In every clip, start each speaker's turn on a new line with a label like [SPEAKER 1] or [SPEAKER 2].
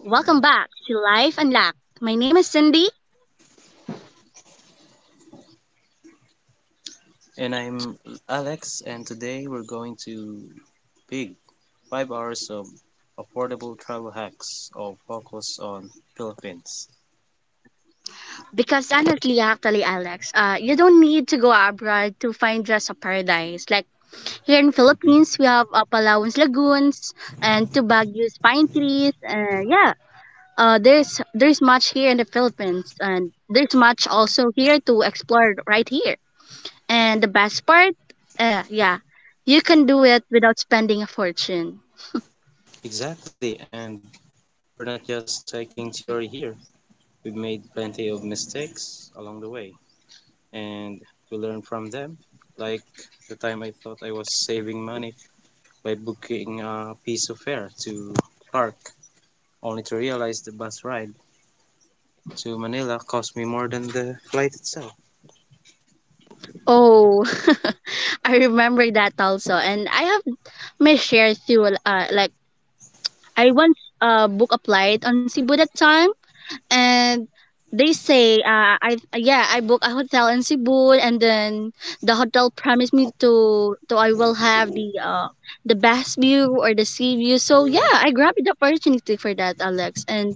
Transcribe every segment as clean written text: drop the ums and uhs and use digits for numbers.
[SPEAKER 1] Welcome back to Life Unlocked. My name is Cindy,
[SPEAKER 2] And I'm Alex, and today we're going to Big 5 hours of affordable travel hacks of focus on Philippines.
[SPEAKER 1] because honestly, actually, Alex, you don't need to go abroad to find just a paradise. Like here in
[SPEAKER 2] Mhm.
[SPEAKER 1] Philippines, we have Palawan's lagoons and Tubagio's pine trees. Yeah, there's much here in the Philippines, and there's much also here to explore right here. And the best part, uh, yeah, you can do it without spending a fortune.
[SPEAKER 2] Exactly, and we're not just taking theory here. We've made plenty of mistakes along the way, and we learn from them. Like the time I thought I was saving money by booking a piece of fare to Clark, only to realize the bus ride to Manila cost me more than the flight itself.
[SPEAKER 1] Oh, I remember that also, and I have my share through. Like I once book a flight on Cebu that time, and they say I book a hotel in Cebu, and then the hotel promised me to I will have the best view or the sea view. So yeah, I grabbed the opportunity for that, Alex. And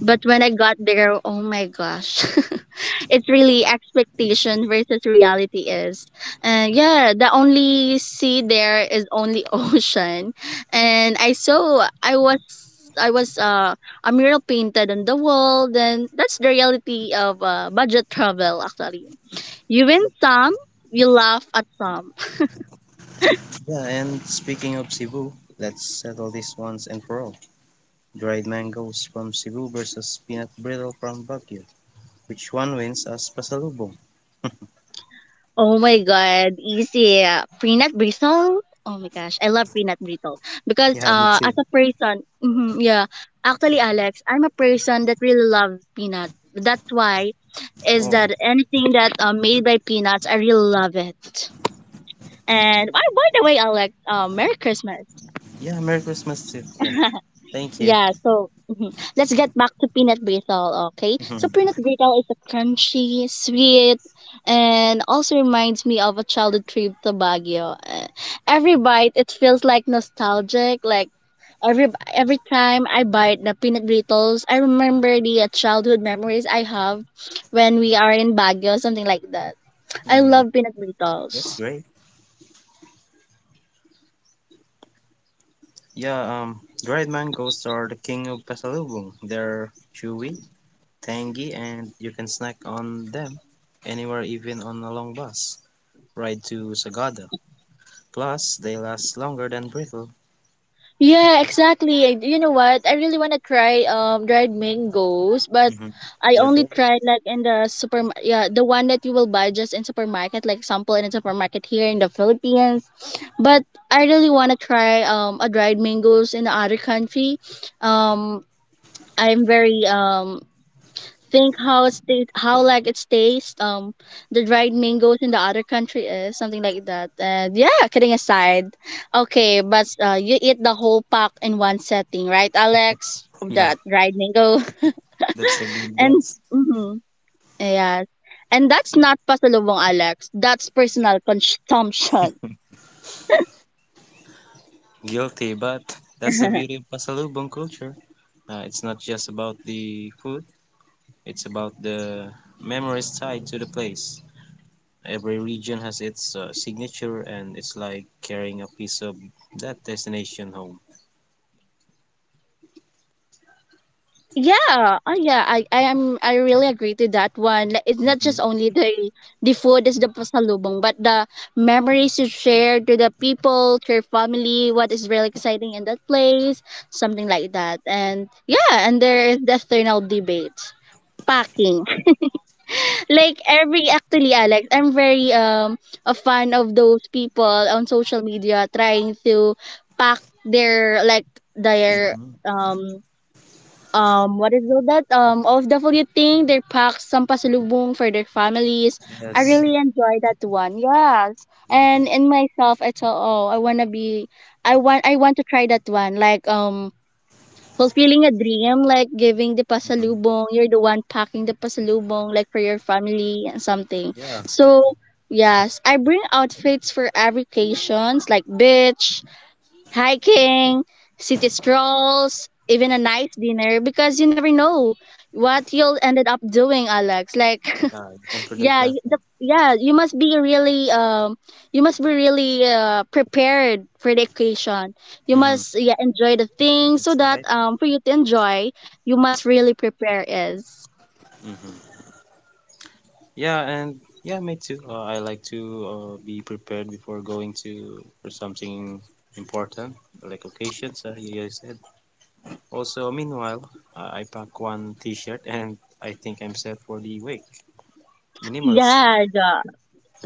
[SPEAKER 1] but when I got there, oh my gosh. It's really expectation versus reality is. And yeah, the only sea there is only ocean. And I was a mural painted on the wall. Then that's the reality of budget travel actually. You win some, you laugh at some.
[SPEAKER 2] Yeah, and speaking of Cebu, let's settle this once and for all. Dried mangoes from Cebu versus peanut brittle from Baguio. Which one wins as pasalubong?
[SPEAKER 1] Oh my god, easy. Peanut brittle? Oh my gosh, I love peanut brittle because
[SPEAKER 2] Yeah, me too.
[SPEAKER 1] as a person, mhm, yeah, actually Alex, I'm a person that really love peanut. That's why is
[SPEAKER 2] Oh,
[SPEAKER 1] that anything that made by peanuts, I really love it. And oh, by the way, Alex, Merry Christmas.
[SPEAKER 2] yeah, Merry Christmas too. Yeah, thank you.
[SPEAKER 1] Yeah, so let's get back to peanut brittle, okay? So peanut brittle is a crunchy, sweet, and also reminds me of a childhood trip to Baguio. Every bite, it feels like nostalgic. Like every time I bite the peanut brittles, I remember the childhood memories I have when we are in Baguio, something like that. I
[SPEAKER 2] Hmm,
[SPEAKER 1] love peanut
[SPEAKER 2] that's
[SPEAKER 1] brittles.
[SPEAKER 2] great. Yeah, dried mangoes are the king of pasalubong. They're chewy, tangy, and you can snack on them anywhere, even on a long bus ride to Sagada. Plus, they last longer than brittle.
[SPEAKER 1] Yeah, exactly. And you know what? I really want to try dried mangoes, but
[SPEAKER 2] Mhm.
[SPEAKER 1] I
[SPEAKER 2] They're
[SPEAKER 1] only
[SPEAKER 2] great.
[SPEAKER 1] tried like in the super yeah the one that you will buy just in supermarket, like sample in a supermarket here in the Philippines. But I really want to try a dried mangoes in the other country. Um, I'm very think how it's how like its taste the dried mangoes in the other country is something like that, and yeah, kidding aside, okay, but you eat the whole pack in one setting, right, Alex, of
[SPEAKER 2] Yeah,
[SPEAKER 1] that dried mango?
[SPEAKER 2] that's a good
[SPEAKER 1] And
[SPEAKER 2] guess.
[SPEAKER 1] mm-hmm, yes, and that's not pasalubong, Alex, that's personal consumption.
[SPEAKER 2] Guilty, but that's the beauty of Pasalubong culture. It's not just about the food, it's about the memories tied to the place. Every region has its signature, and it's like carrying a piece of that destination home.
[SPEAKER 1] Yeah, oh yeah, I really agree to that one. Like, it's not just
[SPEAKER 2] Mm-hmm.
[SPEAKER 1] only the food is the pasalubong, but the memories you share to the people, to your family, what is really exciting in that place, something like that. And yeah, and there is the external debate. Packing. Like every actually Alex, I'm very a fan of those people on social media trying to pack their like their
[SPEAKER 2] Mm-hmm.
[SPEAKER 1] um what is all that of the food thing their packs some pasalubong for their families. I
[SPEAKER 2] Yes.
[SPEAKER 1] really enjoy that one, yes, and in myself I thought, oh, I want to be, I want to try that one, like, fulfilling a dream, like giving the
[SPEAKER 2] Mm-hmm.
[SPEAKER 1] pasalubong, you're the one packing the pasalubong, like for your family and something.
[SPEAKER 2] Yeah,
[SPEAKER 1] So yes, I bring outfits for every occasions, like beach, hiking, city strolls, even a nice dinner, because you never know what you'll ended up doing, Alex. Like,
[SPEAKER 2] yeah, you can predict
[SPEAKER 1] yeah,
[SPEAKER 2] that one.
[SPEAKER 1] you must be really you must be really prepared for the occasion. You
[SPEAKER 2] Mm-hmm.
[SPEAKER 1] must yeah enjoy the thing so
[SPEAKER 2] That's
[SPEAKER 1] that
[SPEAKER 2] right.
[SPEAKER 1] for you to enjoy, you must really prepare is.
[SPEAKER 2] Mm-hmm. Yeah, and yeah, me too. I like to be prepared before going to for something important, like occasions, you guys said. Also, meanwhile, I pack one T-shirt, and I think I'm set for the wake. Minimals.
[SPEAKER 1] Yeah,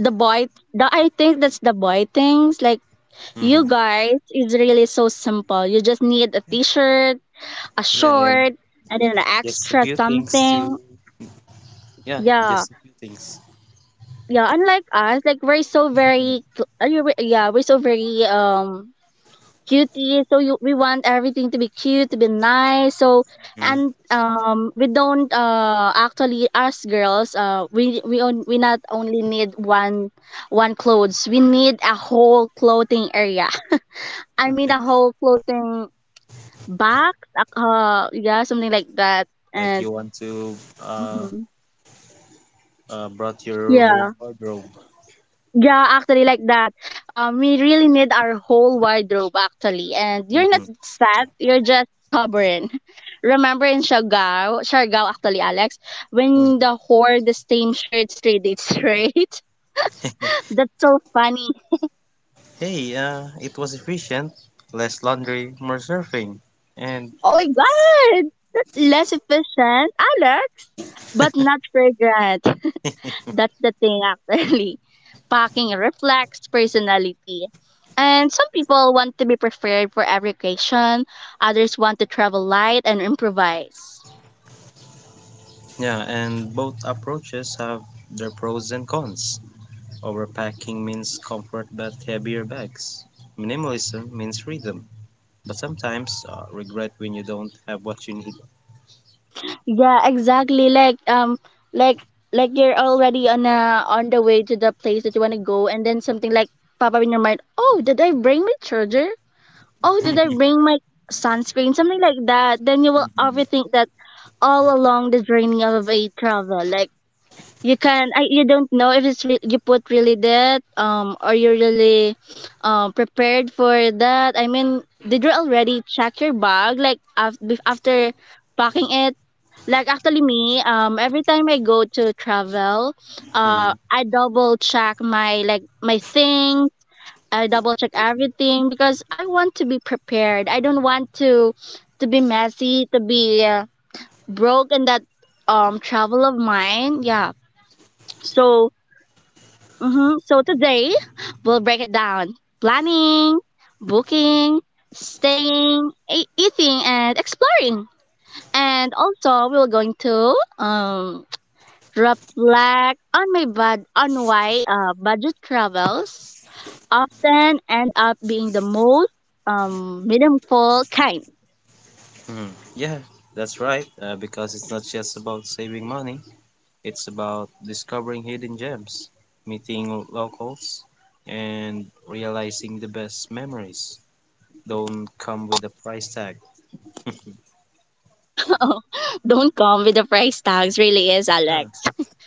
[SPEAKER 1] the boy, I think that's the boy things. Like, you
[SPEAKER 2] Mm-hmm.
[SPEAKER 1] guys, it's really so simple. You just need a t-shirt, a
[SPEAKER 2] Yeah, and
[SPEAKER 1] short and then an
[SPEAKER 2] just a
[SPEAKER 1] extra
[SPEAKER 2] few things to.
[SPEAKER 1] something.
[SPEAKER 2] Yeah,
[SPEAKER 1] Yeah,
[SPEAKER 2] just a few things.
[SPEAKER 1] yeah. Unlike us, like we're so very cutie. So we want everything to be cute, to be nice. So
[SPEAKER 2] Hmm.
[SPEAKER 1] and we don't actually us girls we not only need one clothes. We need a whole clothing area. I mean a whole clothing box. Yeah, something like that.
[SPEAKER 2] Like
[SPEAKER 1] And
[SPEAKER 2] you want to uh,
[SPEAKER 1] mhm,
[SPEAKER 2] brought your whole
[SPEAKER 1] yeah.
[SPEAKER 2] wardrobe.
[SPEAKER 1] Yeah, actually, like that. We really need our whole wardrobe, actually. And you're not
[SPEAKER 2] Mm-hmm.
[SPEAKER 1] sad, you're just stubborn. Remember in Siargao, actually, Alex, when
[SPEAKER 2] Mm-hmm.
[SPEAKER 1] the whore the same shirt straight dates straight? That's so funny.
[SPEAKER 2] Hey, it was efficient. Less laundry, more surfing. And
[SPEAKER 1] Oh my god! Less efficient, Alex, but not fragrant. That's the thing, actually. Packing reflects personality. And some people want to be prepared for every occasion, others want to travel light and improvise.
[SPEAKER 2] yeah, and both approaches have their pros and cons. Overpacking means comfort but heavier bags. Minimalism means freedom, but sometimes regret when you don't have what you need.
[SPEAKER 1] Yeah, exactly. Like like you're already on the way to the place that you want to go, and then something like pop up in your mind, "Oh, did I bring my charger? Oh, did I bring my sunscreen?" Something like that. Then you will
[SPEAKER 2] Mhm.
[SPEAKER 1] overthink that all along the journey of a travel. Like you don't know if it's you put really that or you're really prepared for that. I mean, did you already check your bag like after packing it? Like actually me, every time I go to travel,
[SPEAKER 2] Mhm.
[SPEAKER 1] I double check my like my thing. I double check everything because I want to be prepared. I don't want to be messy, to be broke in that travel of mine, yeah. So so today we'll break it down: planning, booking, staying, eating, and exploring. And also we're going to um reflect on my bud on why budget travels often end up being the most meaningful kind.
[SPEAKER 2] Mhm. Yeah, that's right, because it's not just about saving money, it's about discovering hidden gems, meeting locals, and realizing the best memories don't come with a price tag.
[SPEAKER 1] Don't come with the price tags, really is
[SPEAKER 2] Yeah,
[SPEAKER 1] Alex.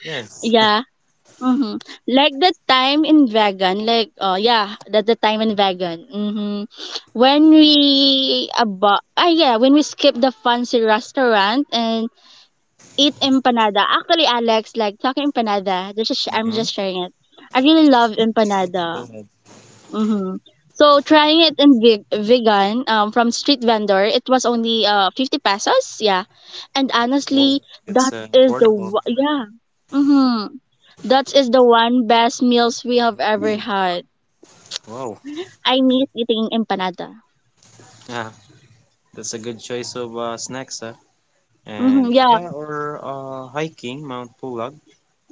[SPEAKER 2] yes.
[SPEAKER 1] Yeah, mm-hmm. Like the time in vegan, like oh yeah, that's the time in vegan. Mm-hmm. When we about ah yeah, when we skip the fancy restaurant and eat empanada. Actually, Alex, like talking empanada. This is I'm just sharing it. I really love
[SPEAKER 2] Yeah, go
[SPEAKER 1] empanada.
[SPEAKER 2] ahead.
[SPEAKER 1] Mm-hmm. So trying it in vegan from street vendor, it was only 50 pesos. Yeah, and
[SPEAKER 2] Whoa,
[SPEAKER 1] honestly,
[SPEAKER 2] it's
[SPEAKER 1] that is the
[SPEAKER 2] affordable.
[SPEAKER 1] wa- yeah. Mm-hmm. that is the one best meals we have ever had.
[SPEAKER 2] Wow,
[SPEAKER 1] I miss eating empanada.
[SPEAKER 2] yeah, that's a good choice of snacks, huh?
[SPEAKER 1] Hmm,
[SPEAKER 2] And
[SPEAKER 1] yeah,
[SPEAKER 2] yeah, or hiking Mount Pulag.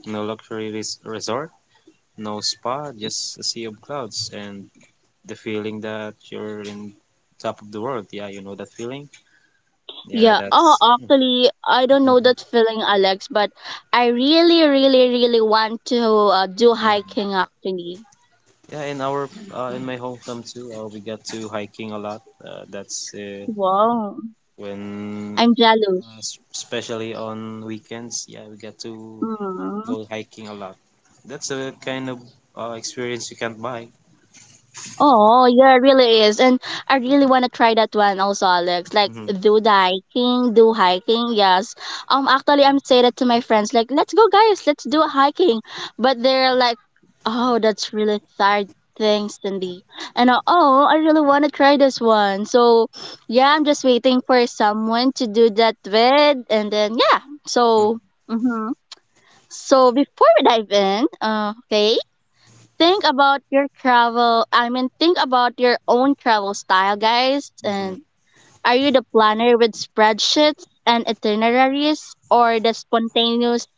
[SPEAKER 2] No luxury res resort, no spa, just a sea of clouds and the feeling that you're in top of the world. Yeah, you know that feeling? Yeah,
[SPEAKER 1] yeah. Oh,
[SPEAKER 2] that's.
[SPEAKER 1] actually, I don't know
[SPEAKER 2] Mhm,
[SPEAKER 1] that feeling, Alex, but I really, really, really want to do
[SPEAKER 2] mhm.
[SPEAKER 1] hiking, actually.
[SPEAKER 2] Yeah, in our in my hometown too, we got to hiking a lot. That's
[SPEAKER 1] Wow.
[SPEAKER 2] when
[SPEAKER 1] I'm jealous.
[SPEAKER 2] especially on weekends. Yeah, we get to
[SPEAKER 1] Mm-hmm.
[SPEAKER 2] go hiking a lot. That's a kind of experience you can't buy.
[SPEAKER 1] Oh, yeah, it really is. And I really want to try that one also, Alex. Like,
[SPEAKER 2] Mhm,
[SPEAKER 1] do the hiking, do hiking, yes. Actually, I'm saying that to my friends, like, let's go, guys, let's do a hiking. But they're like, oh, that's really tired thing, Cindy. And oh, I really want to try this one. So, yeah, I'm just waiting for someone to do that with. And then, yeah,
[SPEAKER 2] mhm,
[SPEAKER 1] so. Mm-hmm. So before we dive in, okay, Think about your travel, I mean, think about your own travel style, guys.
[SPEAKER 2] mhm.
[SPEAKER 1] And are you the planner with spreadsheets and itineraries, or the spontaneous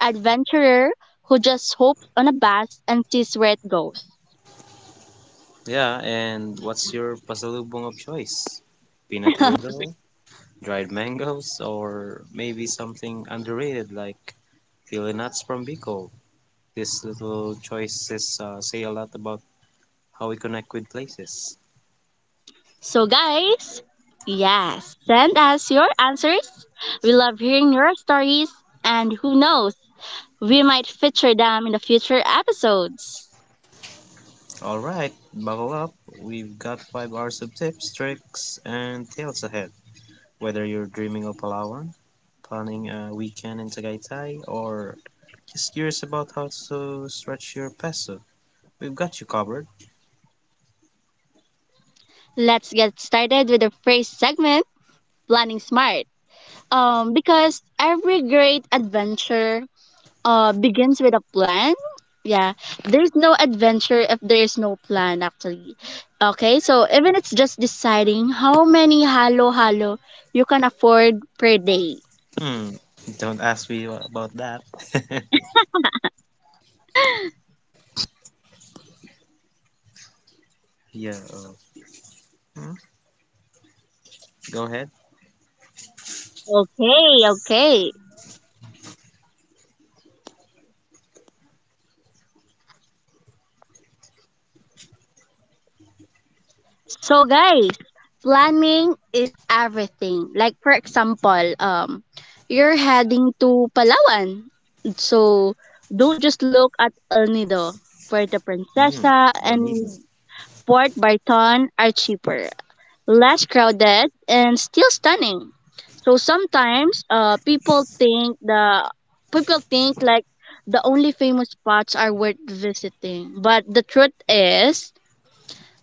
[SPEAKER 1] adventurer who just hops on a bus and sees where it goes?
[SPEAKER 2] Yeah, and what's your pasalubong of choice? Peanut brittle, dried mangoes, or maybe something underrated like chili nuts from Bicol. These little choices say a lot about how we connect with places.
[SPEAKER 1] So, guys, yes, send us your answers. We love hearing your stories, and who knows, we might feature them in the future episodes.
[SPEAKER 2] All right, buckle up. We've got 5 hours of tips, tricks, and tales ahead. Whether you're dreaming of Palawan, planning a weekend in Tagaytay, or just curious about how to stretch your peso, we've got you covered.
[SPEAKER 1] Let's get started with the first segment, planning smart. Because every great adventure begins with a plan. Yeah, there's no adventure if there is no plan actually. Okay, so even it's just deciding how many halo halo you can afford per day.
[SPEAKER 2] Hmm, don't ask me about that. Yeah, hmm, go ahead.
[SPEAKER 1] Okay, okay. So guys, planning is everything. Like for example, you're heading to Palawan. So don't just look at El Nido. Puerto
[SPEAKER 2] Hmm,
[SPEAKER 1] Princesa
[SPEAKER 2] no need.
[SPEAKER 1] and
[SPEAKER 2] No.
[SPEAKER 1] Port Barton are cheaper, less crowded and still stunning. So sometimes people think the people think like the only famous spots are worth visiting. But the truth is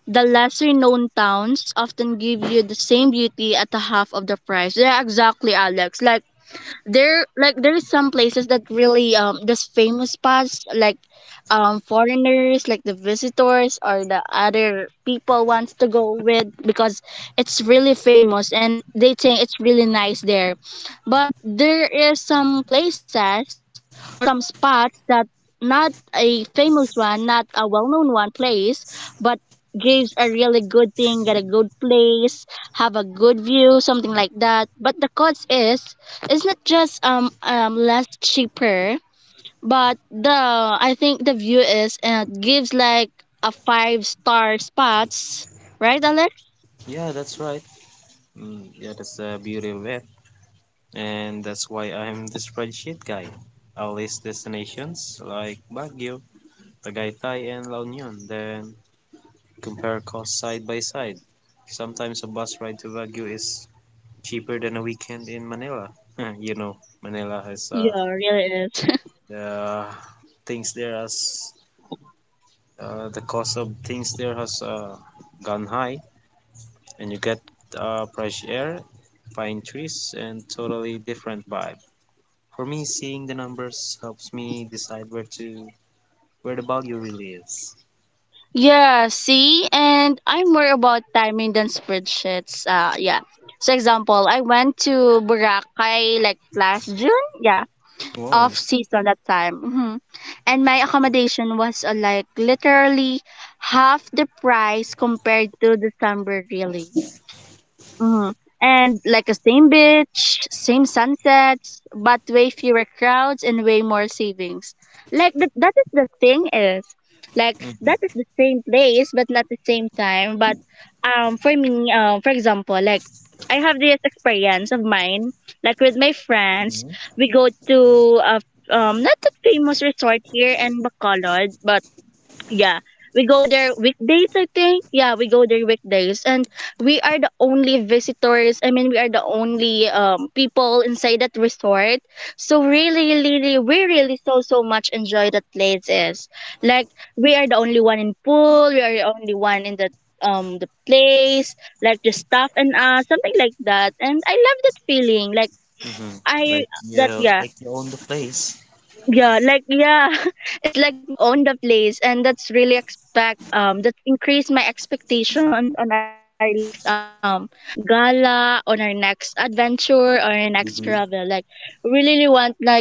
[SPEAKER 1] the lesser known towns often give you the same beauty at a half of the price. Yeah, exactly, Alex. Like there's some places that really this famous spots, like foreigners, like the visitors or the other people wants to go with because it's really famous and they think it's really nice there, but there is some places or some spots that not a famous one, not a well-known one place, but gives a really good thing, get a good place, have a good view, something like that, but the cost is, it's not just less cheaper, but the I think the view is and gives like a five-star spots, right Alex?
[SPEAKER 2] Yeah, that's right. Mm, yeah, that's the beauty of it. And that's why I'm the spreadsheet guy. I'll list destinations like Baguio, Tagaytay, and La Union. Then compare costs side by side. Sometimes a bus ride to Baguio is cheaper than a weekend in Manila. You know, Manila has
[SPEAKER 1] Yeah, really is.
[SPEAKER 2] the things there as the cost of things there has gone high, and you get fresh air, fine trees, and totally different vibe. For me, seeing the numbers helps me decide where the value really is.
[SPEAKER 1] Yeah, see, and I'm more about timing than spreadsheets, yeah. So example, I went to Boracay like last June, yeah, off
[SPEAKER 2] Wow.
[SPEAKER 1] season that time. Hmm. And my accommodation was like literally half the price compared to December, really. Hmm. And like a same beach, same sunsets, but way fewer crowds and way more savings. Like that is the thing is, like that is
[SPEAKER 2] Hmm.
[SPEAKER 1] the same place but not the same time. But for me, for example, like I have this experience of mine, like with my friends,
[SPEAKER 2] Hmm.
[SPEAKER 1] we go to a not that famous resort here in Bacolod, but yeah, we go there weekdays, I think. Yeah, we go there weekdays, and we are the only visitors. I mean, we are the only people inside that resort. So really, really, we really so so much enjoy that places. Like we are the only one in pool. We are the only one in the place. Like the staff and something like that. And I love that feeling. Like I that, yeah.
[SPEAKER 2] Like you own the place.
[SPEAKER 1] Yeah, like yeah, it's like we own the place, and that's really expect that increase my expectations on our next gala, on our next adventure, or our next travel. Like, we really really want like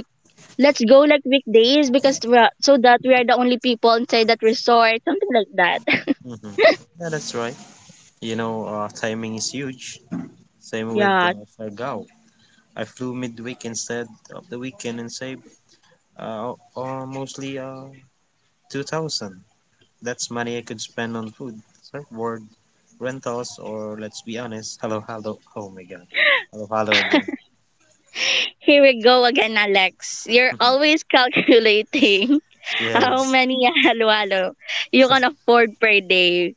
[SPEAKER 1] let's go like weekdays because we are, so that we are the only people inside that resort, something like that.
[SPEAKER 2] Mhm. Yeah, that's right. You know, timing is huge. Same with
[SPEAKER 1] Yeah,
[SPEAKER 2] Siargao. I flew midweek instead of the weekend and saved mostly 2000. That's money I could spend on food, surfboard, rentals, or let's be honest, hello, hello. Oh my god. Hello, hello again.
[SPEAKER 1] here we go again, Alex. You're always calculating how
[SPEAKER 2] Yes,
[SPEAKER 1] many halo halo you can afford per day.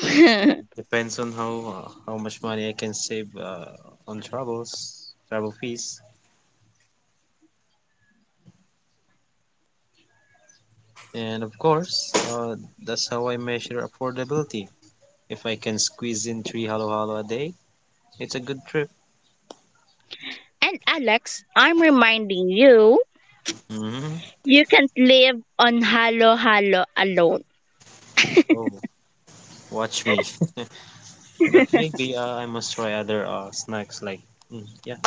[SPEAKER 2] it depends on how much money I can save on travels, travel fees, and of course, that's how I measure affordability. If I can squeeze in three halo halo a day, it's a good trip.
[SPEAKER 1] And Alex, I'm reminding you,
[SPEAKER 2] Hmm.
[SPEAKER 1] you can't live on Halo Halo alone.
[SPEAKER 2] Oh, watch me. But maybe I must try other snacks like. Mm, yeah,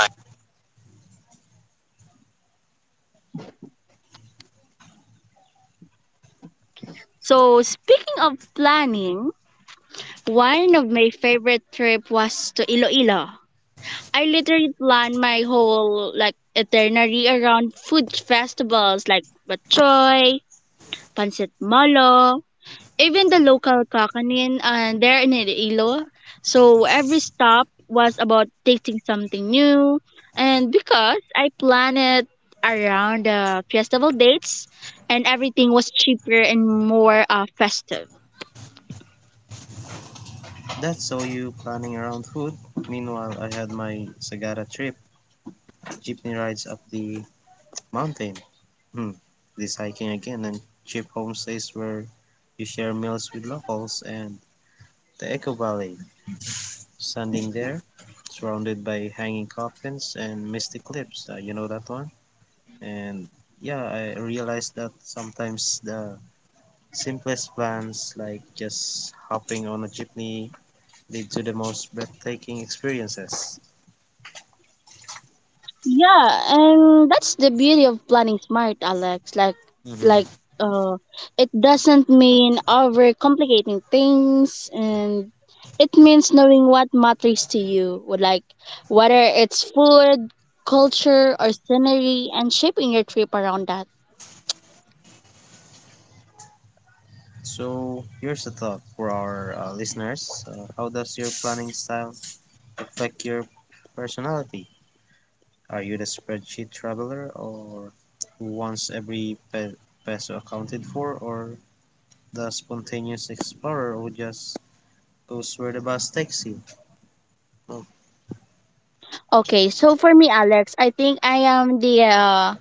[SPEAKER 1] So, speaking of planning, one of my favorite trip was to Iloilo. I literally planned my whole like itinerary around food festivals like Bachoy, Pancit Molo, even the local kakanin there in Iloilo. So every stop was about tasting something new. And because I planned it around the festival dates, and everything was cheaper and more festive.
[SPEAKER 2] that's so you planning around food. Meanwhile, I had my Sagara trip, jeepney rides up the mountain. Hmm. This hiking again and cheap homestays where you share meals with locals and the Echo Valley. Standing there, surrounded by hanging coffins and misty cliffs. You know that one? And yeah, I realized that sometimes the simplest plans, like just hopping on a jeepney, lead to the most breathtaking experiences.
[SPEAKER 1] Yeah, and that's the beauty of planning smart, Alex. Like,
[SPEAKER 2] Mm-hmm.
[SPEAKER 1] uh, it doesn't mean overcomplicating things, and it means knowing what matters to you. Would Like, whether it's food, culture, or scenery, and shaping your trip around that.
[SPEAKER 2] So, here's a thought for our listeners. How does your planning style affect your personality? Are you the spreadsheet traveler or who wants every peso accounted for or the spontaneous explorer who just goes where the bus takes you?
[SPEAKER 1] Okay, so for me, Alex, I think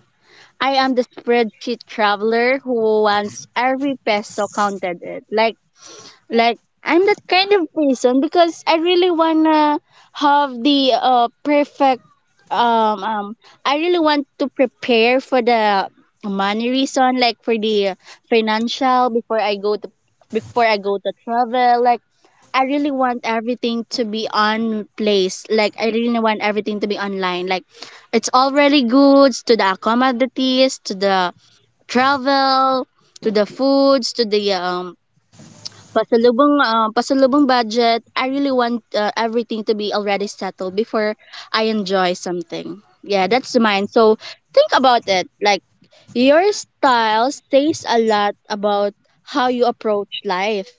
[SPEAKER 1] I am the spreadsheet traveler who wants every peso counted. It like I'm that kind of person because I really wanna have the perfect um, um I really want to prepare for the money reason, like for the financial, before I go to, before I go to travel. Like I really want everything to be on place, like I really want everything to be online, like it's already goods to the accommodations, to the travel, to the foods, to the Pasalubong, ah, pasalubong budget. I really want everything to be already settled before I enjoy something. Yeah, that's mine. So think about it. Like your style says a lot about how you approach life.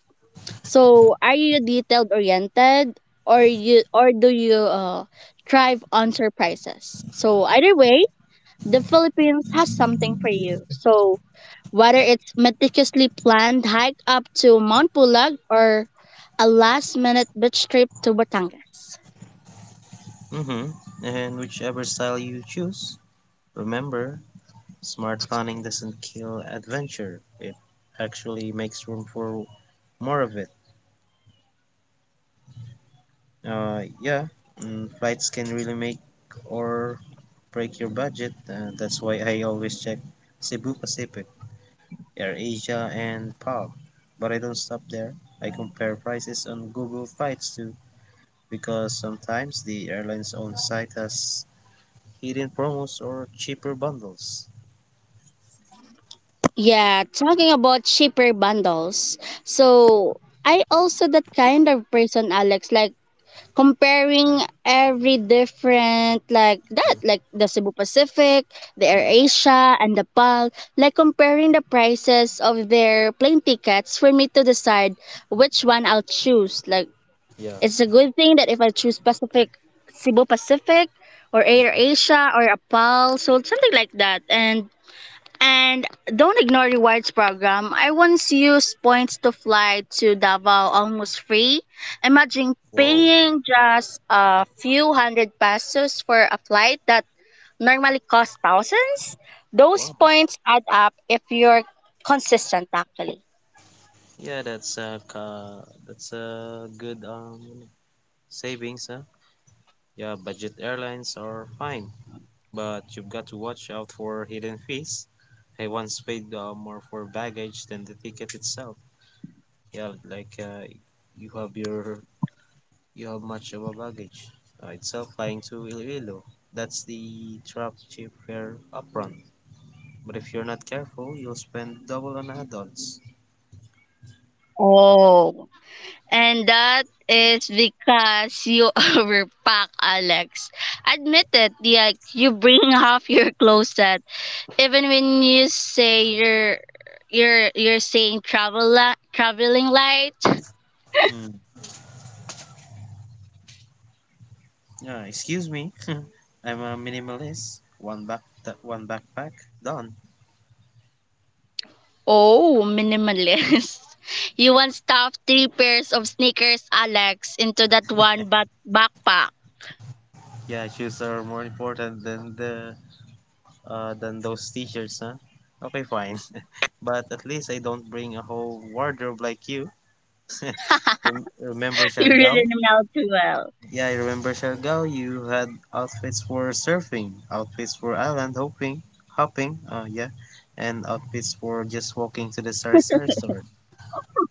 [SPEAKER 1] So are you detailed oriented, or you, or do you thrive on surprises? So either way, the Philippines has something for you. So, whether it's meticulously planned hike up to Mount Pulag or a last minute beach trip to Batangas.
[SPEAKER 2] Mm-hmm. And whichever style you choose, remember, smart planning doesn't kill adventure. It actually makes room for more of it. Yeah, mm, flights can really make or break your budget. That's why I always check Cebu Pacific, AirAsia, and PAL. But I don't stop there. I compare prices on Google Flights too, because sometimes the airline's own site has hidden promos or cheaper bundles.
[SPEAKER 1] Yeah, talking about cheaper bundles. So, I also that kind of person, Alex. Like, comparing every different like that, like the Cebu Pacific, the
[SPEAKER 2] Mm.
[SPEAKER 1] AirAsia and the PAL, like comparing the prices of their plane tickets for me to decide which one I'll choose. Like
[SPEAKER 2] Yeah.
[SPEAKER 1] it's a good thing that if I choose Pacific, Cebu Pacific or
[SPEAKER 2] Mhm.
[SPEAKER 1] AirAsia or a PAL, so something like that. And don't ignore rewards program. I once used points to fly to Davao almost free. Imagine
[SPEAKER 2] Wow,
[SPEAKER 1] paying just a few hundred pesos for a flight that normally costs thousands. Those
[SPEAKER 2] wow.
[SPEAKER 1] points add up if you're consistent actually.
[SPEAKER 2] Yeah, that's a good savings, huh? Yeah, budget airlines are fine, but you've got to watch out for hidden fees. I once paid more for baggage than the ticket itself. Yeah, like you have your you have much of a baggage itself flying to Iloilo. That's the trap cheap fare upfront. But if you're not careful, you'll spend double on adults.
[SPEAKER 1] Oh. And that is because you overpack, Alex. Admit it, like you bring half your closet. Even when you say you're saying traveling light.
[SPEAKER 2] Excuse me, I'm a minimalist. One backpack, done.
[SPEAKER 1] Oh, minimalist. You want stuff, three pairs of sneakers, Alex, into that backpack.
[SPEAKER 2] Yeah, shoes are more important than the than those t-shirts, huh? Okay, fine. But at least I don't bring a whole wardrobe like you. Remember
[SPEAKER 1] You really
[SPEAKER 2] Siargao?
[SPEAKER 1] know too well.
[SPEAKER 2] Yeah, I remember Siargao. You had outfits for surfing, outfits for island hopping. Yeah, and outfits for just walking to the sari sari store.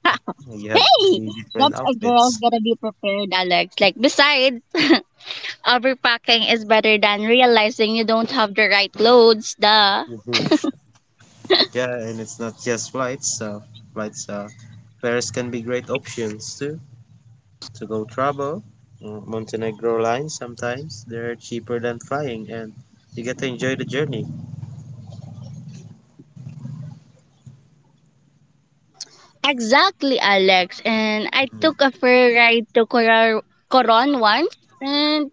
[SPEAKER 2] You have
[SPEAKER 1] Hey,
[SPEAKER 2] three different
[SPEAKER 1] that's a girl's
[SPEAKER 2] outfits.
[SPEAKER 1] gotta be prepared, Alex. Like, besides, overpacking is better than realizing you don't have the right clothes, duh.
[SPEAKER 2] Mhm. Yeah, and it's not just flights. Flights, uh, Paris can be great options too to go travel. Montenegro lines sometimes they're cheaper than flying, and you get to enjoy the journey.
[SPEAKER 1] Exactly, Alex. And I
[SPEAKER 2] Mhm.
[SPEAKER 1] took a fair ride to Coron once, and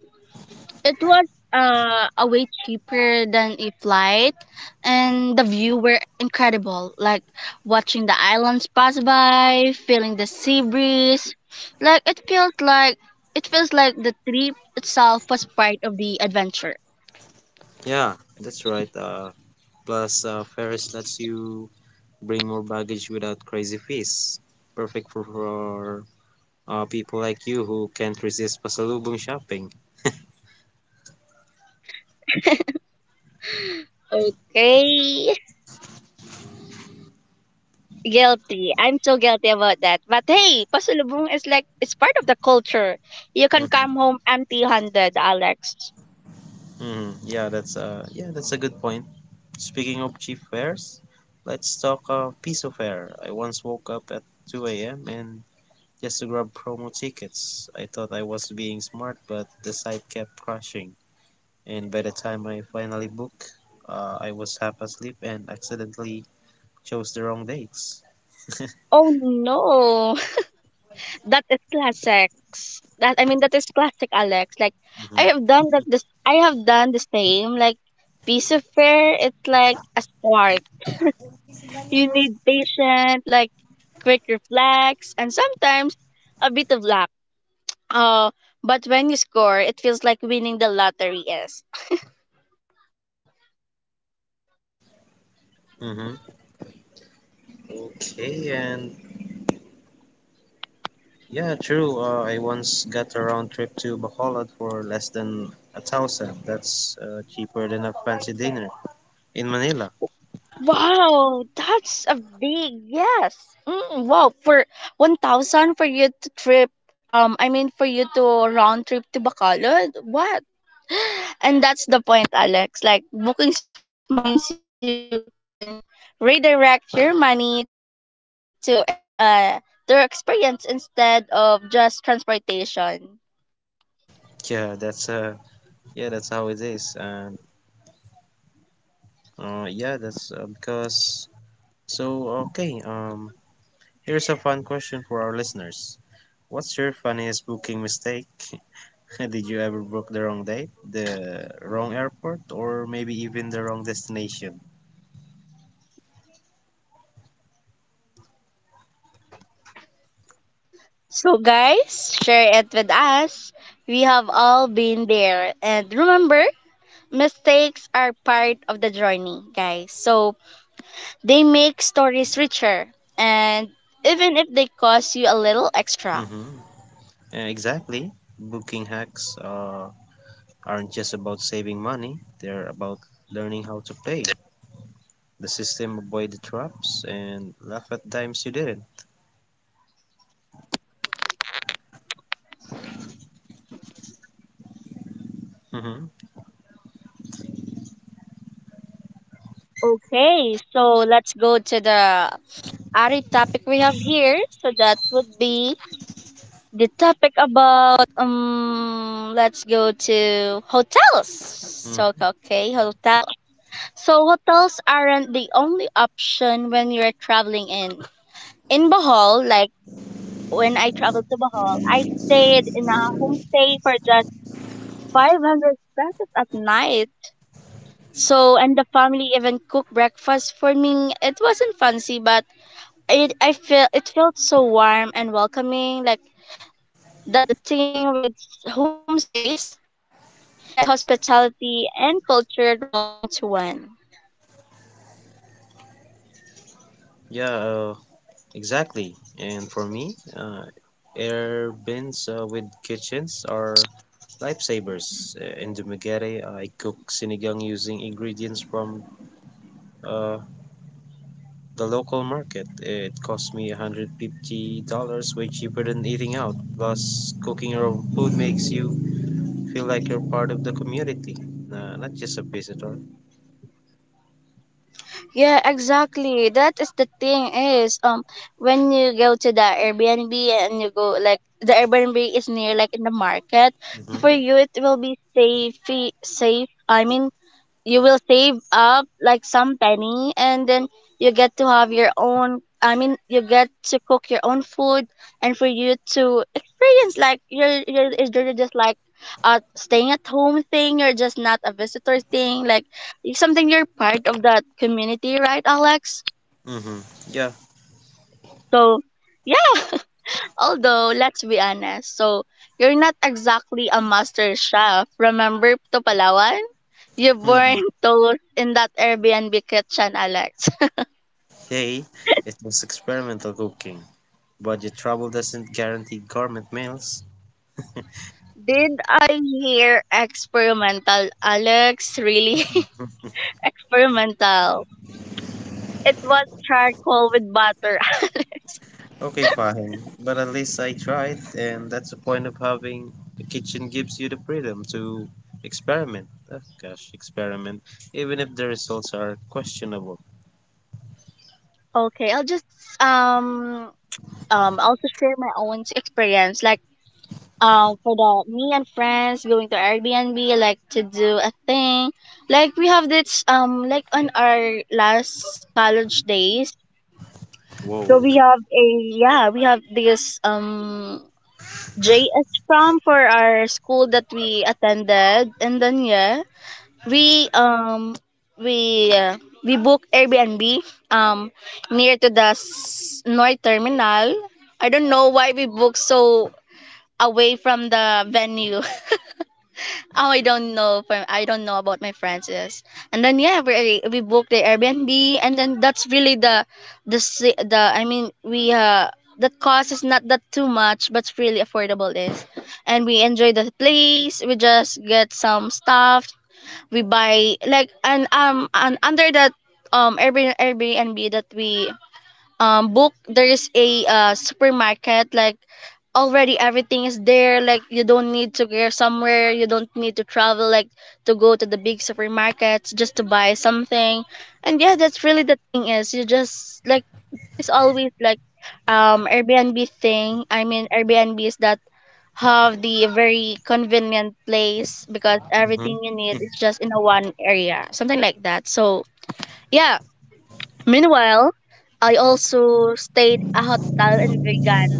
[SPEAKER 1] it was a way cheaper than a flight, and the view were incredible. Like watching the islands pass by, feeling the sea breeze. Like it feels like the trip itself was part of the adventure.
[SPEAKER 2] Yeah, that's right. Plus, Paris lets you bring more baggage without crazy fees. Perfect for people like you who can't resist pasalubong shopping.
[SPEAKER 1] Okay. Guilty. I'm so guilty about that. But hey, pasulubong is like it's part of the culture. You can come home empty-handed, Alex.
[SPEAKER 2] Hmm. Yeah, that's a good point. Speaking of cheap fares, let's talk piso fare. I once woke up at 2 a.m. and just to grab promo tickets. I thought I was being smart, but the site kept crashing. And by the time I finally booked, I was half asleep and accidentally chose the wrong dates.
[SPEAKER 1] Oh no, that is classics. That is classic, Alex. Like I have done that. This I have done the same. Like piece of fare, it's like a spark. You need patient, like quick reflex, and sometimes a bit of luck. Uh, but when you score, it feels like winning the lottery is.
[SPEAKER 2] Mm-hmm. Okay, and yeah, true. I once got a round trip to Bacolod for less than a thousand. That's cheaper than a fancy dinner in Manila.
[SPEAKER 1] Wow, that's a big yes. Mm, wow, for 1,000 for you to trip I mean for you to round trip to Bacolod. What? And that's the point, Alex. Like booking smart means you can redirect your money to experience their experience instead of just transportation.
[SPEAKER 2] Yeah, that's how it is. And yeah, that's because. So okay, here's a fun question for our listeners. What's your funniest booking mistake? Did you ever book the wrong date, the wrong airport, or maybe even the wrong destination?
[SPEAKER 1] So guys, share it with us. We have all been there. And remember, mistakes are part of the journey, guys. So they make stories richer and even if they cost you a little extra.
[SPEAKER 2] Mm-hmm. Exactly. Booking hacks. Aren't just about saving money, they're about learning how to play the system, avoid the traps, and laugh at times you didn't. Hmm.
[SPEAKER 1] Okay, so let's go to the other topic we have here. So that would be the topic about let's go to hotels. So
[SPEAKER 2] Hmm.
[SPEAKER 1] okay,
[SPEAKER 2] Yeah.
[SPEAKER 1] hotel. So hotels aren't the only option when you're traveling in Bohol, like when I traveled to Bohol, I stayed in a homestay for just 500 pesos at night. So, and the family even cooked breakfast for me. It wasn't fancy, but it I feel it felt so warm and welcoming. Like that is the thing with homestays. You get hospitality and culture rolled into one.
[SPEAKER 2] Yeah, exactly. And for me, air bins with kitchens are lifesavers. In Dumaguete, I cook sinigang using ingredients from uh, the local market. It cost me $150, way cheaper than eating out. Plus, cooking your own food makes you feel like you're part of the community, not just a visitor.
[SPEAKER 1] Yeah, exactly. That is the thing is when you go to the Airbnb and you go like the Airbnb is near like in the market,
[SPEAKER 2] Mm-hmm.
[SPEAKER 1] for you it will be safe, I mean, you will save up like some penny, and then you get to have your own, I mean, you get cook your own food, and for you to experience like you're just like a staying at home thing, you're just not a visitor thing, like it's something, you're part of that community, right Alex?
[SPEAKER 2] Mm-hmm. Yeah.
[SPEAKER 1] So yeah, although let's be honest, so you're not exactly a master chef. Remember to Palawan, you
[SPEAKER 2] Mm-hmm.
[SPEAKER 1] burned toast in that Airbnb kitchen, Alex.
[SPEAKER 2] Hey, it was experimental cooking. Budget trouble doesn't guarantee gourmet meals.
[SPEAKER 1] Did I hear experimental, Alex? Really? Experimental. It was charcoal with butter. Alex.
[SPEAKER 2] Okay, fine, but at least I tried, and that's the point of having the kitchen gives you the freedom to experiment. Ah, gosh, experiment, even if the results are questionable.
[SPEAKER 1] Okay, I'll just um also share my own experience. Like for the me and friends going to Airbnb like to do a thing. Like we have this like on our last college days.
[SPEAKER 2] Whoa.
[SPEAKER 1] So we have a, yeah, we have this JS prom for our school that we attended, and then yeah, we um we uh, we booked Airbnb um near to the North Terminal. I don't know why we booked so away from the venue. Oh, I don't know I don't know about my Francis. And then yeah, we booked the Airbnb, and then that's really the si- the. I mean, we the cost is not that too much, but it's really affordable is, and we enjoy the place. We just get some stuff. We buy like, and under that Airbnb that we book, there is a supermarket, like already everything is there, like you don't need to go somewhere, you don't need to travel like to go to the big supermarkets just to buy something. And yeah, that's really the thing is, you just like, it's always like Airbnb thing, I mean Airbnbs that have the very convenient place because
[SPEAKER 2] Mm-hmm.
[SPEAKER 1] everything you need is just in a one area, something like that. So yeah. Meanwhile, I also stayed a hotel in Vegan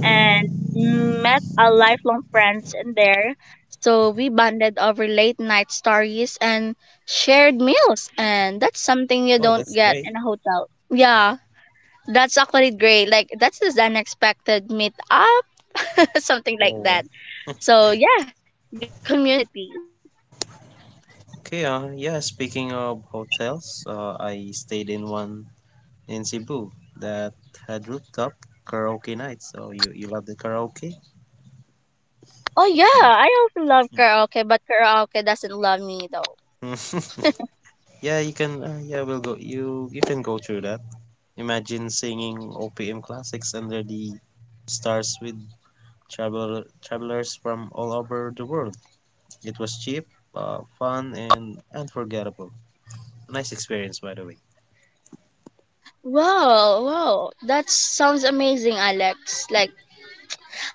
[SPEAKER 1] and met a lifelong friends in there. So we bonded over late night stories and shared meals, and that's something you
[SPEAKER 2] Oh,
[SPEAKER 1] don't
[SPEAKER 2] that's
[SPEAKER 1] get
[SPEAKER 2] great.
[SPEAKER 1] in a hotel. Yeah, that's actually great. Like that's this unexpected meet up, something like
[SPEAKER 2] Whoa.
[SPEAKER 1] that. So yeah, you get community.
[SPEAKER 2] Okay, yeah, speaking of hotels, I stayed in one in Cebu that had rooftop karaoke nights. So you love the karaoke?
[SPEAKER 1] Oh yeah, I also love karaoke, but karaoke doesn't love me though.
[SPEAKER 2] Mm. Yeah, you can. Yeah, we'll go. You can go through that. Imagine singing OPM classics under the stars with travelers from all over the world. It was cheap, fun, and unforgettable. Nice experience, by the way.
[SPEAKER 1] Wow, wow. That sounds amazing, Alex. Like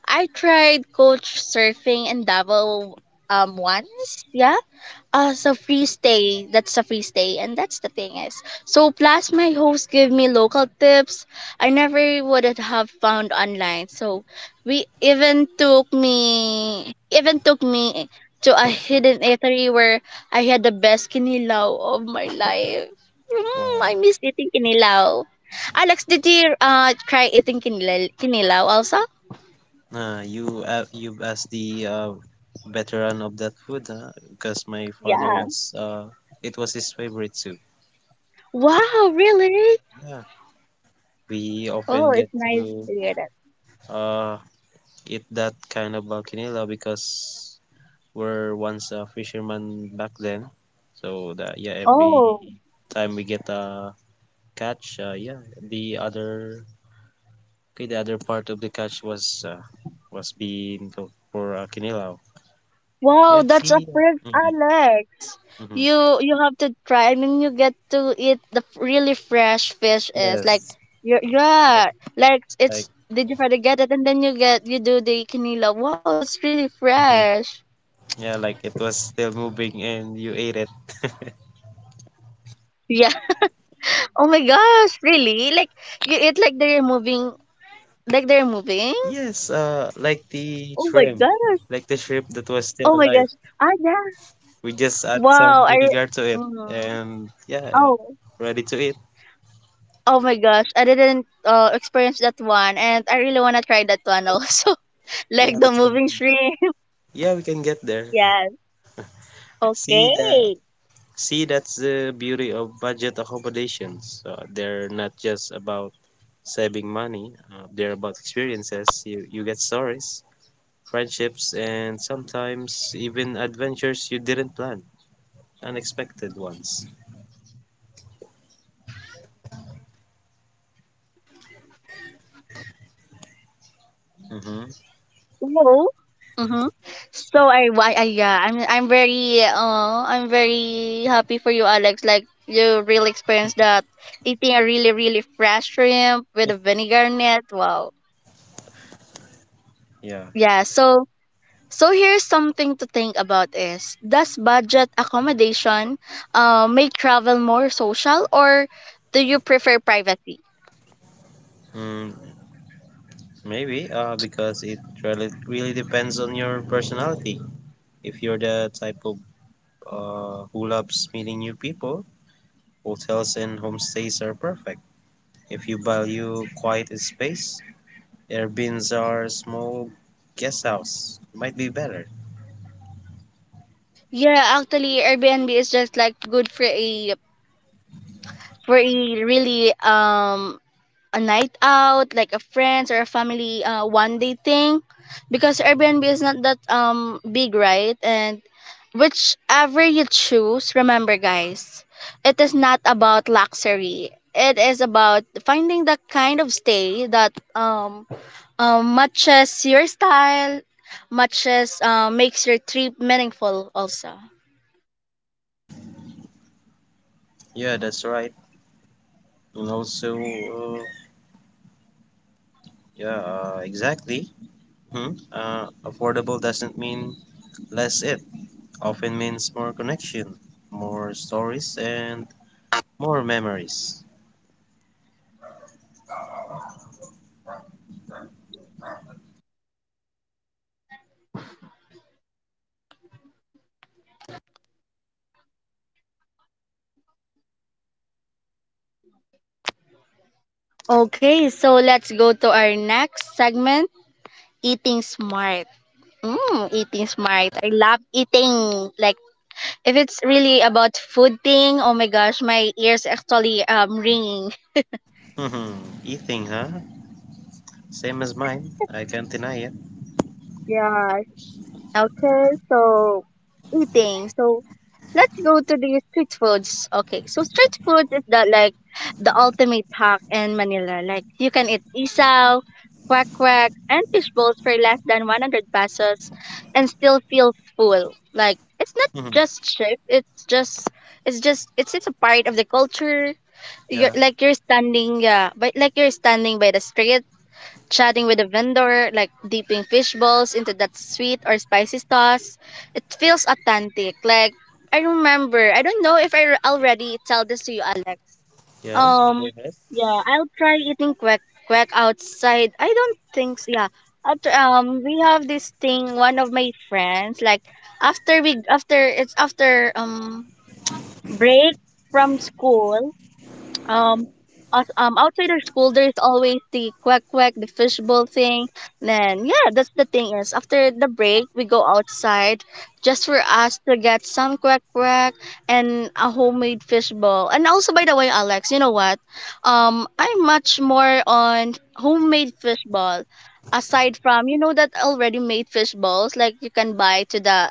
[SPEAKER 1] I tried coach surfing in Davao once. Yeah, so free stay, that's a free stay, and that's the thing is, so plus my host gave me local tips I never would have found online. So we even took me to a hidden eatery where I had the best kinilaw of my life. Mm,
[SPEAKER 2] Wow.
[SPEAKER 1] I miss eating kinilaw. Alex, did you try eating kinilaw also?
[SPEAKER 2] You as the veteran of that food, huh? Because my father
[SPEAKER 1] Yeah,
[SPEAKER 2] was it was his favorite soup.
[SPEAKER 1] wow, really?
[SPEAKER 2] Yeah, we often
[SPEAKER 1] Oh,
[SPEAKER 2] get
[SPEAKER 1] it's nice
[SPEAKER 2] to
[SPEAKER 1] to hear that.
[SPEAKER 2] uh eat that kind of bakinila because we're once a fisherman back then. So that yeah, every
[SPEAKER 1] Oh.
[SPEAKER 2] time we get a catch, yeah, the other part of the catch was being cooked for kinilaw.
[SPEAKER 1] Wow,
[SPEAKER 2] Yeah,
[SPEAKER 1] that's a
[SPEAKER 2] see.
[SPEAKER 1] first,
[SPEAKER 2] Mm-hmm,
[SPEAKER 1] Alex.
[SPEAKER 2] mm-hmm.
[SPEAKER 1] You have to try. I mean, you get to eat the really fresh fish is like
[SPEAKER 2] Yes.
[SPEAKER 1] you're,
[SPEAKER 2] Like,
[SPEAKER 1] yeah, like
[SPEAKER 2] like
[SPEAKER 1] it's, did you try to get it and then you do the canila. Wow, that's really
[SPEAKER 2] mhm.
[SPEAKER 1] fresh.
[SPEAKER 2] Yeah, like it was still moving and you ate it.
[SPEAKER 1] Yeah. Oh my gosh, really? Like you eat like they're moving, like they're moving.
[SPEAKER 2] Yes,
[SPEAKER 1] Oh my
[SPEAKER 2] like
[SPEAKER 1] gosh.
[SPEAKER 2] the shrimp that was still alive.
[SPEAKER 1] Ah yeah.
[SPEAKER 2] We just add
[SPEAKER 1] Wow.
[SPEAKER 2] some vinegar to it,
[SPEAKER 1] Mhm.
[SPEAKER 2] and yeah, yeah,
[SPEAKER 1] Oh
[SPEAKER 2] ready to eat.
[SPEAKER 1] Oh my gosh, I didn't experience that one, and I really wanna try that one also.
[SPEAKER 2] Yeah,
[SPEAKER 1] Like
[SPEAKER 2] we
[SPEAKER 1] the
[SPEAKER 2] can.
[SPEAKER 1] moving shrimp.
[SPEAKER 2] Yeah, we can get there.
[SPEAKER 1] Yes.
[SPEAKER 2] See the.
[SPEAKER 1] Okay.
[SPEAKER 2] See, that's the beauty of budget accommodations. They're not just about saving money. They're about experiences. You get stories, friendships, and sometimes even adventures you didn't plan, unexpected ones. Mm-hmm.
[SPEAKER 1] So, mm-hmm, so I why I yeah, I'm very happy for you, Alex. Like you really experienced that, eating a really really fresh shrimp with a vinegar net. Wow.
[SPEAKER 2] Yeah.
[SPEAKER 1] Yeah. So here's something to think about, is does budget accommodation make travel more social, or do you prefer privacy?
[SPEAKER 2] Mm, Maybe because it really depends on your personality. If you're the type of who loves meeting new people, hotels and homestays are perfect. If you value quiet space, Airbnbs are small, guest house might be better.
[SPEAKER 1] Yeah, actually, Airbnb is just like good for a for a really, a night out, like a friends or a family, one day thing, because Airbnb is not that big, right? And whichever you choose, remember, guys, it is not about luxury. It is about finding the kind of stay that matches your style, matches makes your trip meaningful also.
[SPEAKER 2] Yeah, that's right. And also, yeah, exactly. Hmm? Affordable doesn't mean less it. Often means more connection, more stories, and more memories.
[SPEAKER 1] Okay, so let's go to our next segment, eating smart. Mm, eating smart. I love eating. Like if it's really about food thing, oh my gosh, my ears actually ringing.
[SPEAKER 2] Eating, huh? Same as mine. I can't deny it.
[SPEAKER 1] Yeah. Okay, so eating. So let's go to the street foods. Okay, so street foods is, the like the ultimate hack in Manila. Like you can eat isaw, quack quack, and fish balls for less than 100 pesos and still feel full. Like it's not just cheap. It's just a part of the culture. You're
[SPEAKER 2] Yeah.
[SPEAKER 1] like you're standing, yeah, but, like, you're standing by the street, chatting with the vendor, like dipping fish balls into that sweet or spicy sauce. It feels authentic. Like I remember, I don't know if I already tell this to you, Alex.
[SPEAKER 2] Yeah,
[SPEAKER 1] Um,
[SPEAKER 2] go ahead.
[SPEAKER 1] yeah, I'll try eating quack quack outside. I don't think so. Yeah, after, we have this thing. One of my friends, like after we after it's after break from school, um outside our school, there's always the quack quack, the fishbowl thing. Then yeah, that's the thing, is after the break we go outside just for us to get some quack quack and a homemade fishbowl. And also, by the way, Alex, you know what, I'm much more on homemade fishbowl, aside from, you know, that already made fishbowls like you can buy to the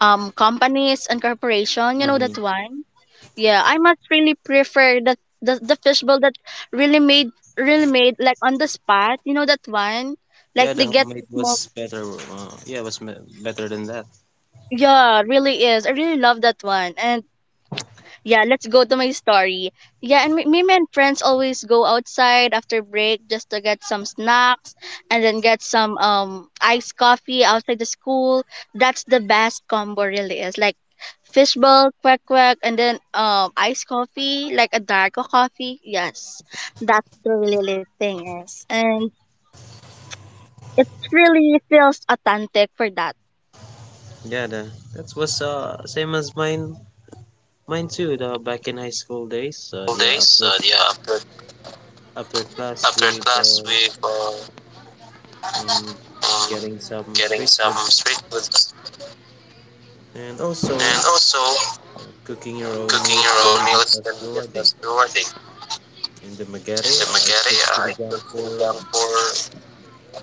[SPEAKER 1] companies and corporation, you know that
[SPEAKER 2] Hmm.
[SPEAKER 1] one. Yeah, I must really prefer the fishbowl that really made, really made, like on the spot. You know that one? Like
[SPEAKER 2] Yeah, the
[SPEAKER 1] they get the
[SPEAKER 2] homemade
[SPEAKER 1] smoke.
[SPEAKER 2] was better. Better than that.
[SPEAKER 1] Yeah, really is. I really love that one. And Yeah, let's go to my story. Yeah, and me and friends always go outside after break just to get some snacks, and then get some iced coffee outside the school. That's the best combo really is, like fishbowl, quack quack, and then iced coffee, like a dark coffee. Yes, that's the really thing is. And it really feels authentic for that.
[SPEAKER 2] Yeah, the that was same as mine. Mine too. The back in high school days.
[SPEAKER 1] All
[SPEAKER 2] Yeah,
[SPEAKER 1] days,
[SPEAKER 2] after
[SPEAKER 1] yeah,
[SPEAKER 2] after class
[SPEAKER 1] after
[SPEAKER 2] we
[SPEAKER 1] class, we go
[SPEAKER 2] um
[SPEAKER 1] um,
[SPEAKER 2] getting some
[SPEAKER 1] getting
[SPEAKER 2] street
[SPEAKER 1] some
[SPEAKER 2] foods,
[SPEAKER 1] street food.
[SPEAKER 2] and also
[SPEAKER 1] And also,
[SPEAKER 2] cooking your own
[SPEAKER 1] cooking your
[SPEAKER 2] meals can
[SPEAKER 1] own
[SPEAKER 2] be just
[SPEAKER 1] meals
[SPEAKER 2] as
[SPEAKER 1] can be just
[SPEAKER 2] rewarding.
[SPEAKER 1] as rewarding.
[SPEAKER 2] In the
[SPEAKER 1] In the
[SPEAKER 2] Magari, I cooked
[SPEAKER 1] Magere, I
[SPEAKER 2] sinigang
[SPEAKER 1] cooked
[SPEAKER 2] for,
[SPEAKER 1] sinigang for,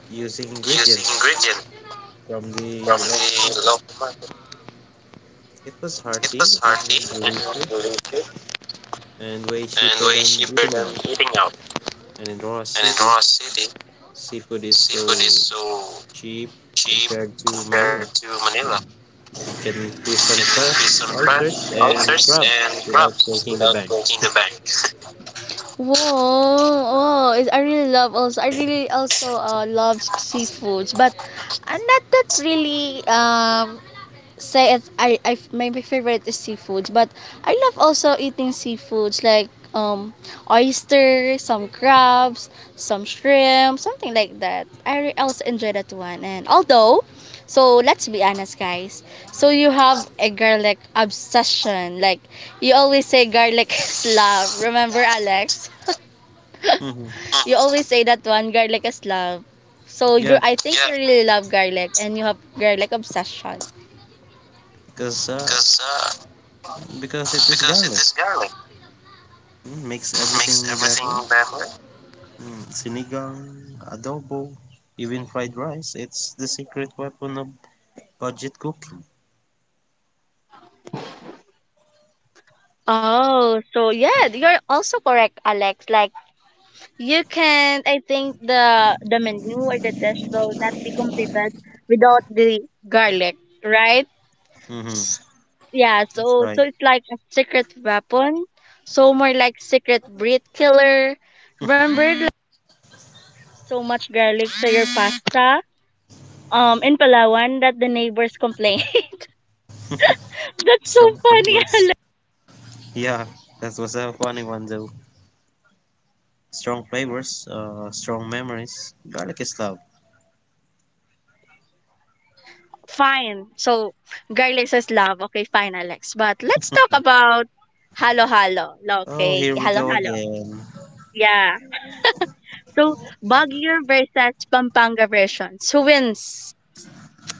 [SPEAKER 2] using
[SPEAKER 1] using
[SPEAKER 2] ingredients
[SPEAKER 1] ingredients
[SPEAKER 2] from the
[SPEAKER 1] from
[SPEAKER 2] local
[SPEAKER 1] the
[SPEAKER 2] market.
[SPEAKER 1] local market.
[SPEAKER 2] It was
[SPEAKER 1] It
[SPEAKER 2] hearty
[SPEAKER 1] was hearty
[SPEAKER 2] and
[SPEAKER 1] and
[SPEAKER 2] delicious
[SPEAKER 1] delicious,
[SPEAKER 2] and way
[SPEAKER 1] and
[SPEAKER 2] cheaper
[SPEAKER 1] way
[SPEAKER 2] than
[SPEAKER 1] cheaper
[SPEAKER 2] eating
[SPEAKER 1] than
[SPEAKER 2] out.
[SPEAKER 1] eating out.
[SPEAKER 2] And in Roa
[SPEAKER 1] And in
[SPEAKER 2] City,
[SPEAKER 1] Roa City,
[SPEAKER 2] seafood is
[SPEAKER 1] seafood is
[SPEAKER 2] so
[SPEAKER 1] so
[SPEAKER 2] cheap
[SPEAKER 1] cheap
[SPEAKER 2] compared to Manila.
[SPEAKER 1] compared to Manila.
[SPEAKER 2] You can fish
[SPEAKER 1] You
[SPEAKER 2] some
[SPEAKER 1] can
[SPEAKER 2] fresh
[SPEAKER 1] be some
[SPEAKER 2] oysters
[SPEAKER 1] fresh
[SPEAKER 2] and
[SPEAKER 1] oysters
[SPEAKER 2] crabs
[SPEAKER 1] and
[SPEAKER 2] without
[SPEAKER 1] crabs
[SPEAKER 2] breaking the
[SPEAKER 1] without
[SPEAKER 2] bank.
[SPEAKER 1] breaking the bank. Whoa, oh, I really love also. I really also love seafoods, but I'm not that really, say it, I my favorite is seafoods. But I love also eating seafoods, like oysters, some crabs, some shrimp, something like that. I also enjoy that one. And although, so let's be honest, guys. So you have a garlic obsession. Like you always say, garlic is love. Remember, Alex?
[SPEAKER 2] Hmm.
[SPEAKER 1] You always say that one, garlic is love. So you
[SPEAKER 2] Yeah,
[SPEAKER 1] I think you, yeah, really love garlic, and you have garlic obsession,
[SPEAKER 2] because uh,
[SPEAKER 1] because uh,
[SPEAKER 2] because it is
[SPEAKER 1] because it
[SPEAKER 2] garlic.
[SPEAKER 1] is garlic.
[SPEAKER 2] Mm, makes
[SPEAKER 1] Makes
[SPEAKER 2] everything better.
[SPEAKER 1] everything better.
[SPEAKER 2] Mm, sinigang, adobo, even fried rice. It's the secret weapon of budget cooking.
[SPEAKER 1] Oh, so yeah, you're also correct, Alex. Like, you can, I think, the menu or the dish will not be completed without the garlic, right?
[SPEAKER 2] Hmm.
[SPEAKER 1] S- Yeah,
[SPEAKER 2] That's
[SPEAKER 1] so
[SPEAKER 2] right.
[SPEAKER 1] it's like a secret weapon, so more like secret breed killer.
[SPEAKER 2] Strong flavors. Yeah, that was a funny one though. Strong flavors, strong memories. Garlic is love.
[SPEAKER 1] Fine. So, garlic says love. Okay, fine, Alex. But let's talk about halo halo.
[SPEAKER 2] Oh,
[SPEAKER 1] Okay,
[SPEAKER 2] here we
[SPEAKER 1] halo
[SPEAKER 2] go
[SPEAKER 1] halo.
[SPEAKER 2] again.
[SPEAKER 1] Yeah. So, Baguio versus Pampanga versions. Who wins,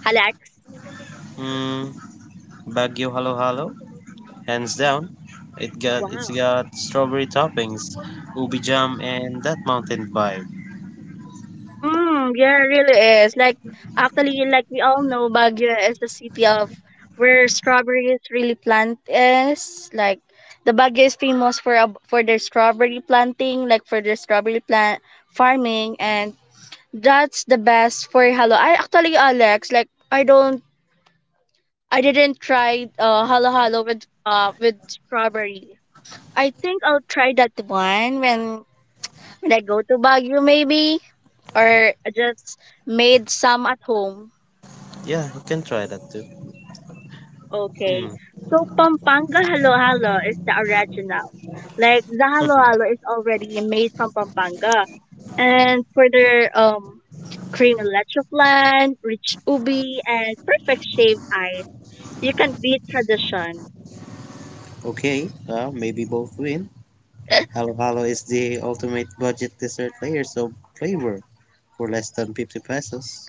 [SPEAKER 1] Alex?
[SPEAKER 2] Mm, Baguio Halo Halo, hands down. It's
[SPEAKER 1] Wow.
[SPEAKER 2] got strawberry toppings, ubi jam, and that mountain vibe.
[SPEAKER 1] Mm, yeah, it really is. Like, actually, like we all know, Baguio is the city of where strawberries really plant is. Like, the Baguio is famous for for their strawberry planting, like for their strawberry plant farming. And that's the best for Halo. I actually, Alex, like, I didn't try Halo Halo with strawberry. I think I'll try that one when I go to Baguio, maybe, or just made some at home.
[SPEAKER 2] Yeah, you can try that too. Hmm.
[SPEAKER 1] Okay. So Pampanga Halo Halo is the original. Like the Halo Halo is already made from Pampanga. And for the cream and leche flan, rich ubi, and perfect shaved ice. You can beat tradition.
[SPEAKER 2] Okay, maybe both win. Halo Halo is the ultimate budget dessert, layers of flavor for less than 50 pesos.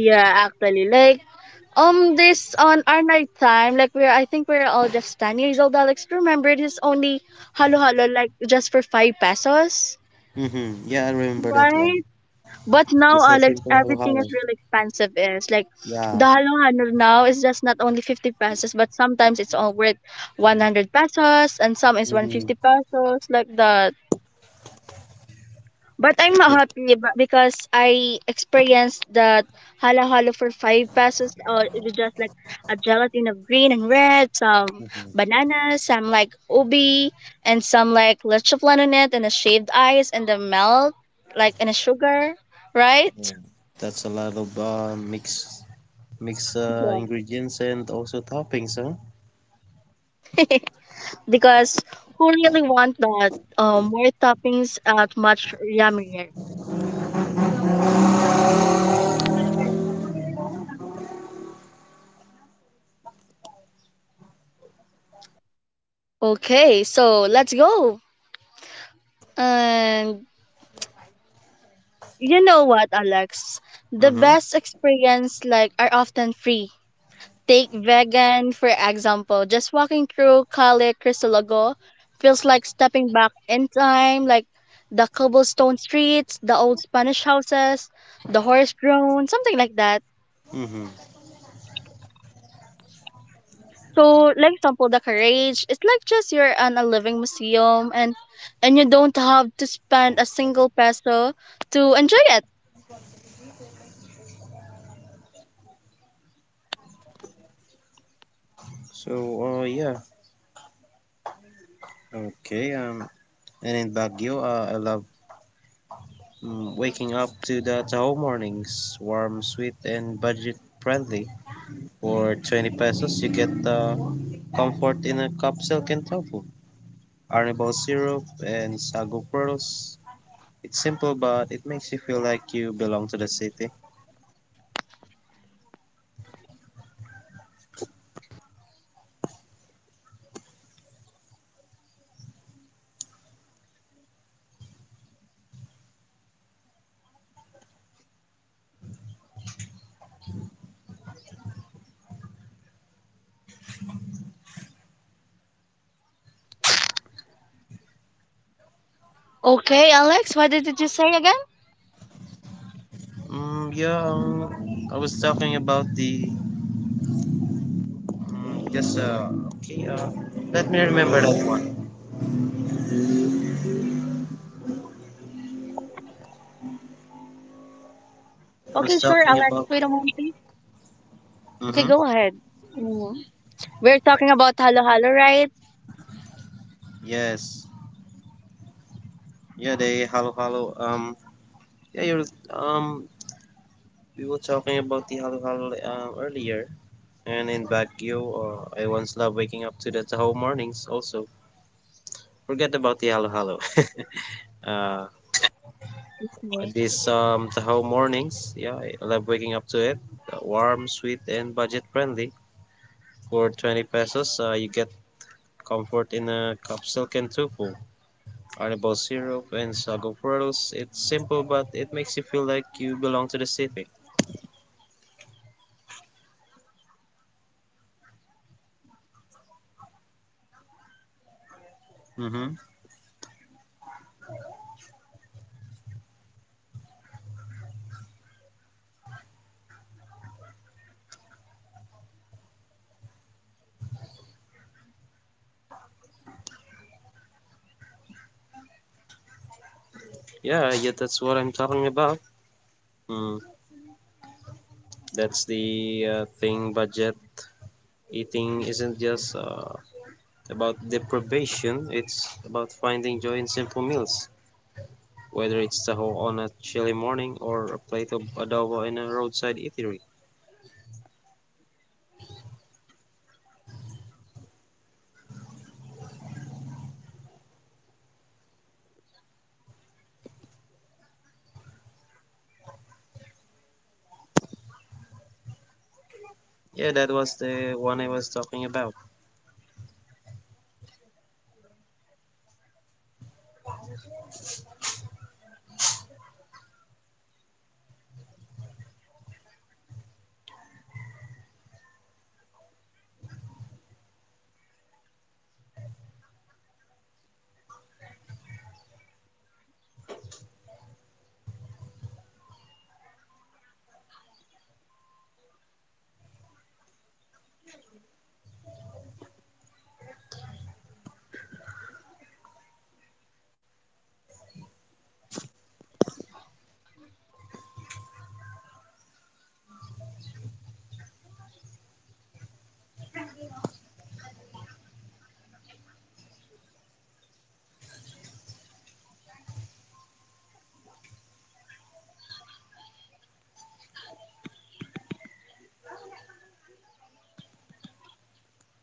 [SPEAKER 1] Yeah, actually, like, this on our night time, like, we're I think we're all just 10 years old. Alex, remember it is only halo halo, like just for 5 pesos,
[SPEAKER 2] Mm-hmm. Yeah, I remember that one.
[SPEAKER 1] right? But now,
[SPEAKER 2] Just a
[SPEAKER 1] Alex,
[SPEAKER 2] simple Halo
[SPEAKER 1] everything is
[SPEAKER 2] Halo.
[SPEAKER 1] really expensive. Is like
[SPEAKER 2] Yeah.
[SPEAKER 1] the halo halo now is just not only 50 pesos, but sometimes it's all worth 100 pesos, and some is one hundred
[SPEAKER 2] Mm-hmm.
[SPEAKER 1] fifty pesos, like that. But I'm not
[SPEAKER 2] So,
[SPEAKER 1] happy because I experienced that halo halo for 5 pesos. Or it was just like a gelatin of green and red, some
[SPEAKER 2] mm-hmm.
[SPEAKER 1] bananas, some like ubi, and some like leche flan on it, and a shaved ice, and the melt, like, and a sugar, right?
[SPEAKER 2] Yeah. That's a lot of mix
[SPEAKER 1] Yeah.
[SPEAKER 2] ingredients and also toppings, huh?
[SPEAKER 1] Because who really want that? More toppings at much yummier. Okay, so let's go. And You know what, Alex? The
[SPEAKER 2] Mm-hmm.
[SPEAKER 1] best experience like are often free. Take vegan for example. Just walking through Calle Cristologo feels like stepping back in time, like the cobblestone streets, the old Spanish houses, the horse drawn, something like that.
[SPEAKER 2] Mm-hmm.
[SPEAKER 1] So, like example, the carriage, it's like just you're in a living museum, and you don't have to spend a single peso to enjoy it.
[SPEAKER 2] So, yeah. Okay. And in Baguio, I love waking up to the Taho mornings, warm, sweet, and budget friendly. For 20 pesos, you get comfort in a capsule can, arnibal syrup, and sago pearls. It's simple, but it makes you feel like you belong to the city.
[SPEAKER 1] Okay, Alex, what did you say again?
[SPEAKER 2] Yeah, I was talking about the. Mm, just, okay, let me remember that one. I
[SPEAKER 1] Okay,
[SPEAKER 2] was
[SPEAKER 1] sure,
[SPEAKER 2] talking
[SPEAKER 1] Alex.
[SPEAKER 2] about.
[SPEAKER 1] Wait a moment, please. Okay,
[SPEAKER 2] Mm-hmm.
[SPEAKER 1] go ahead. Mm. We're talking about halo halo, right?
[SPEAKER 2] Yes. Yeah, the halo halo. Yeah, you're, um, we were talking about the halo halo earlier. And in Baguio, I once loved waking up to the Tahoe mornings also. Forget about the halo halo. Uh, these Tahoe mornings, yeah, I love waking up to it. Warm, sweet, and budget friendly. For 20 pesos, you get comfort in a capsule can tupu, arnibal syrup, and sago pearls. It's simple, but it makes you feel like you belong to the city. Mm-hmm. Yeah, yeah, that's what I'm talking about. Mm, that's the thing, budget eating isn't just about deprivation, it's about finding joy in simple meals, whether it's taho on a chilly morning or a plate of adobo in a roadside eatery. Yeah, that was the one I was talking about.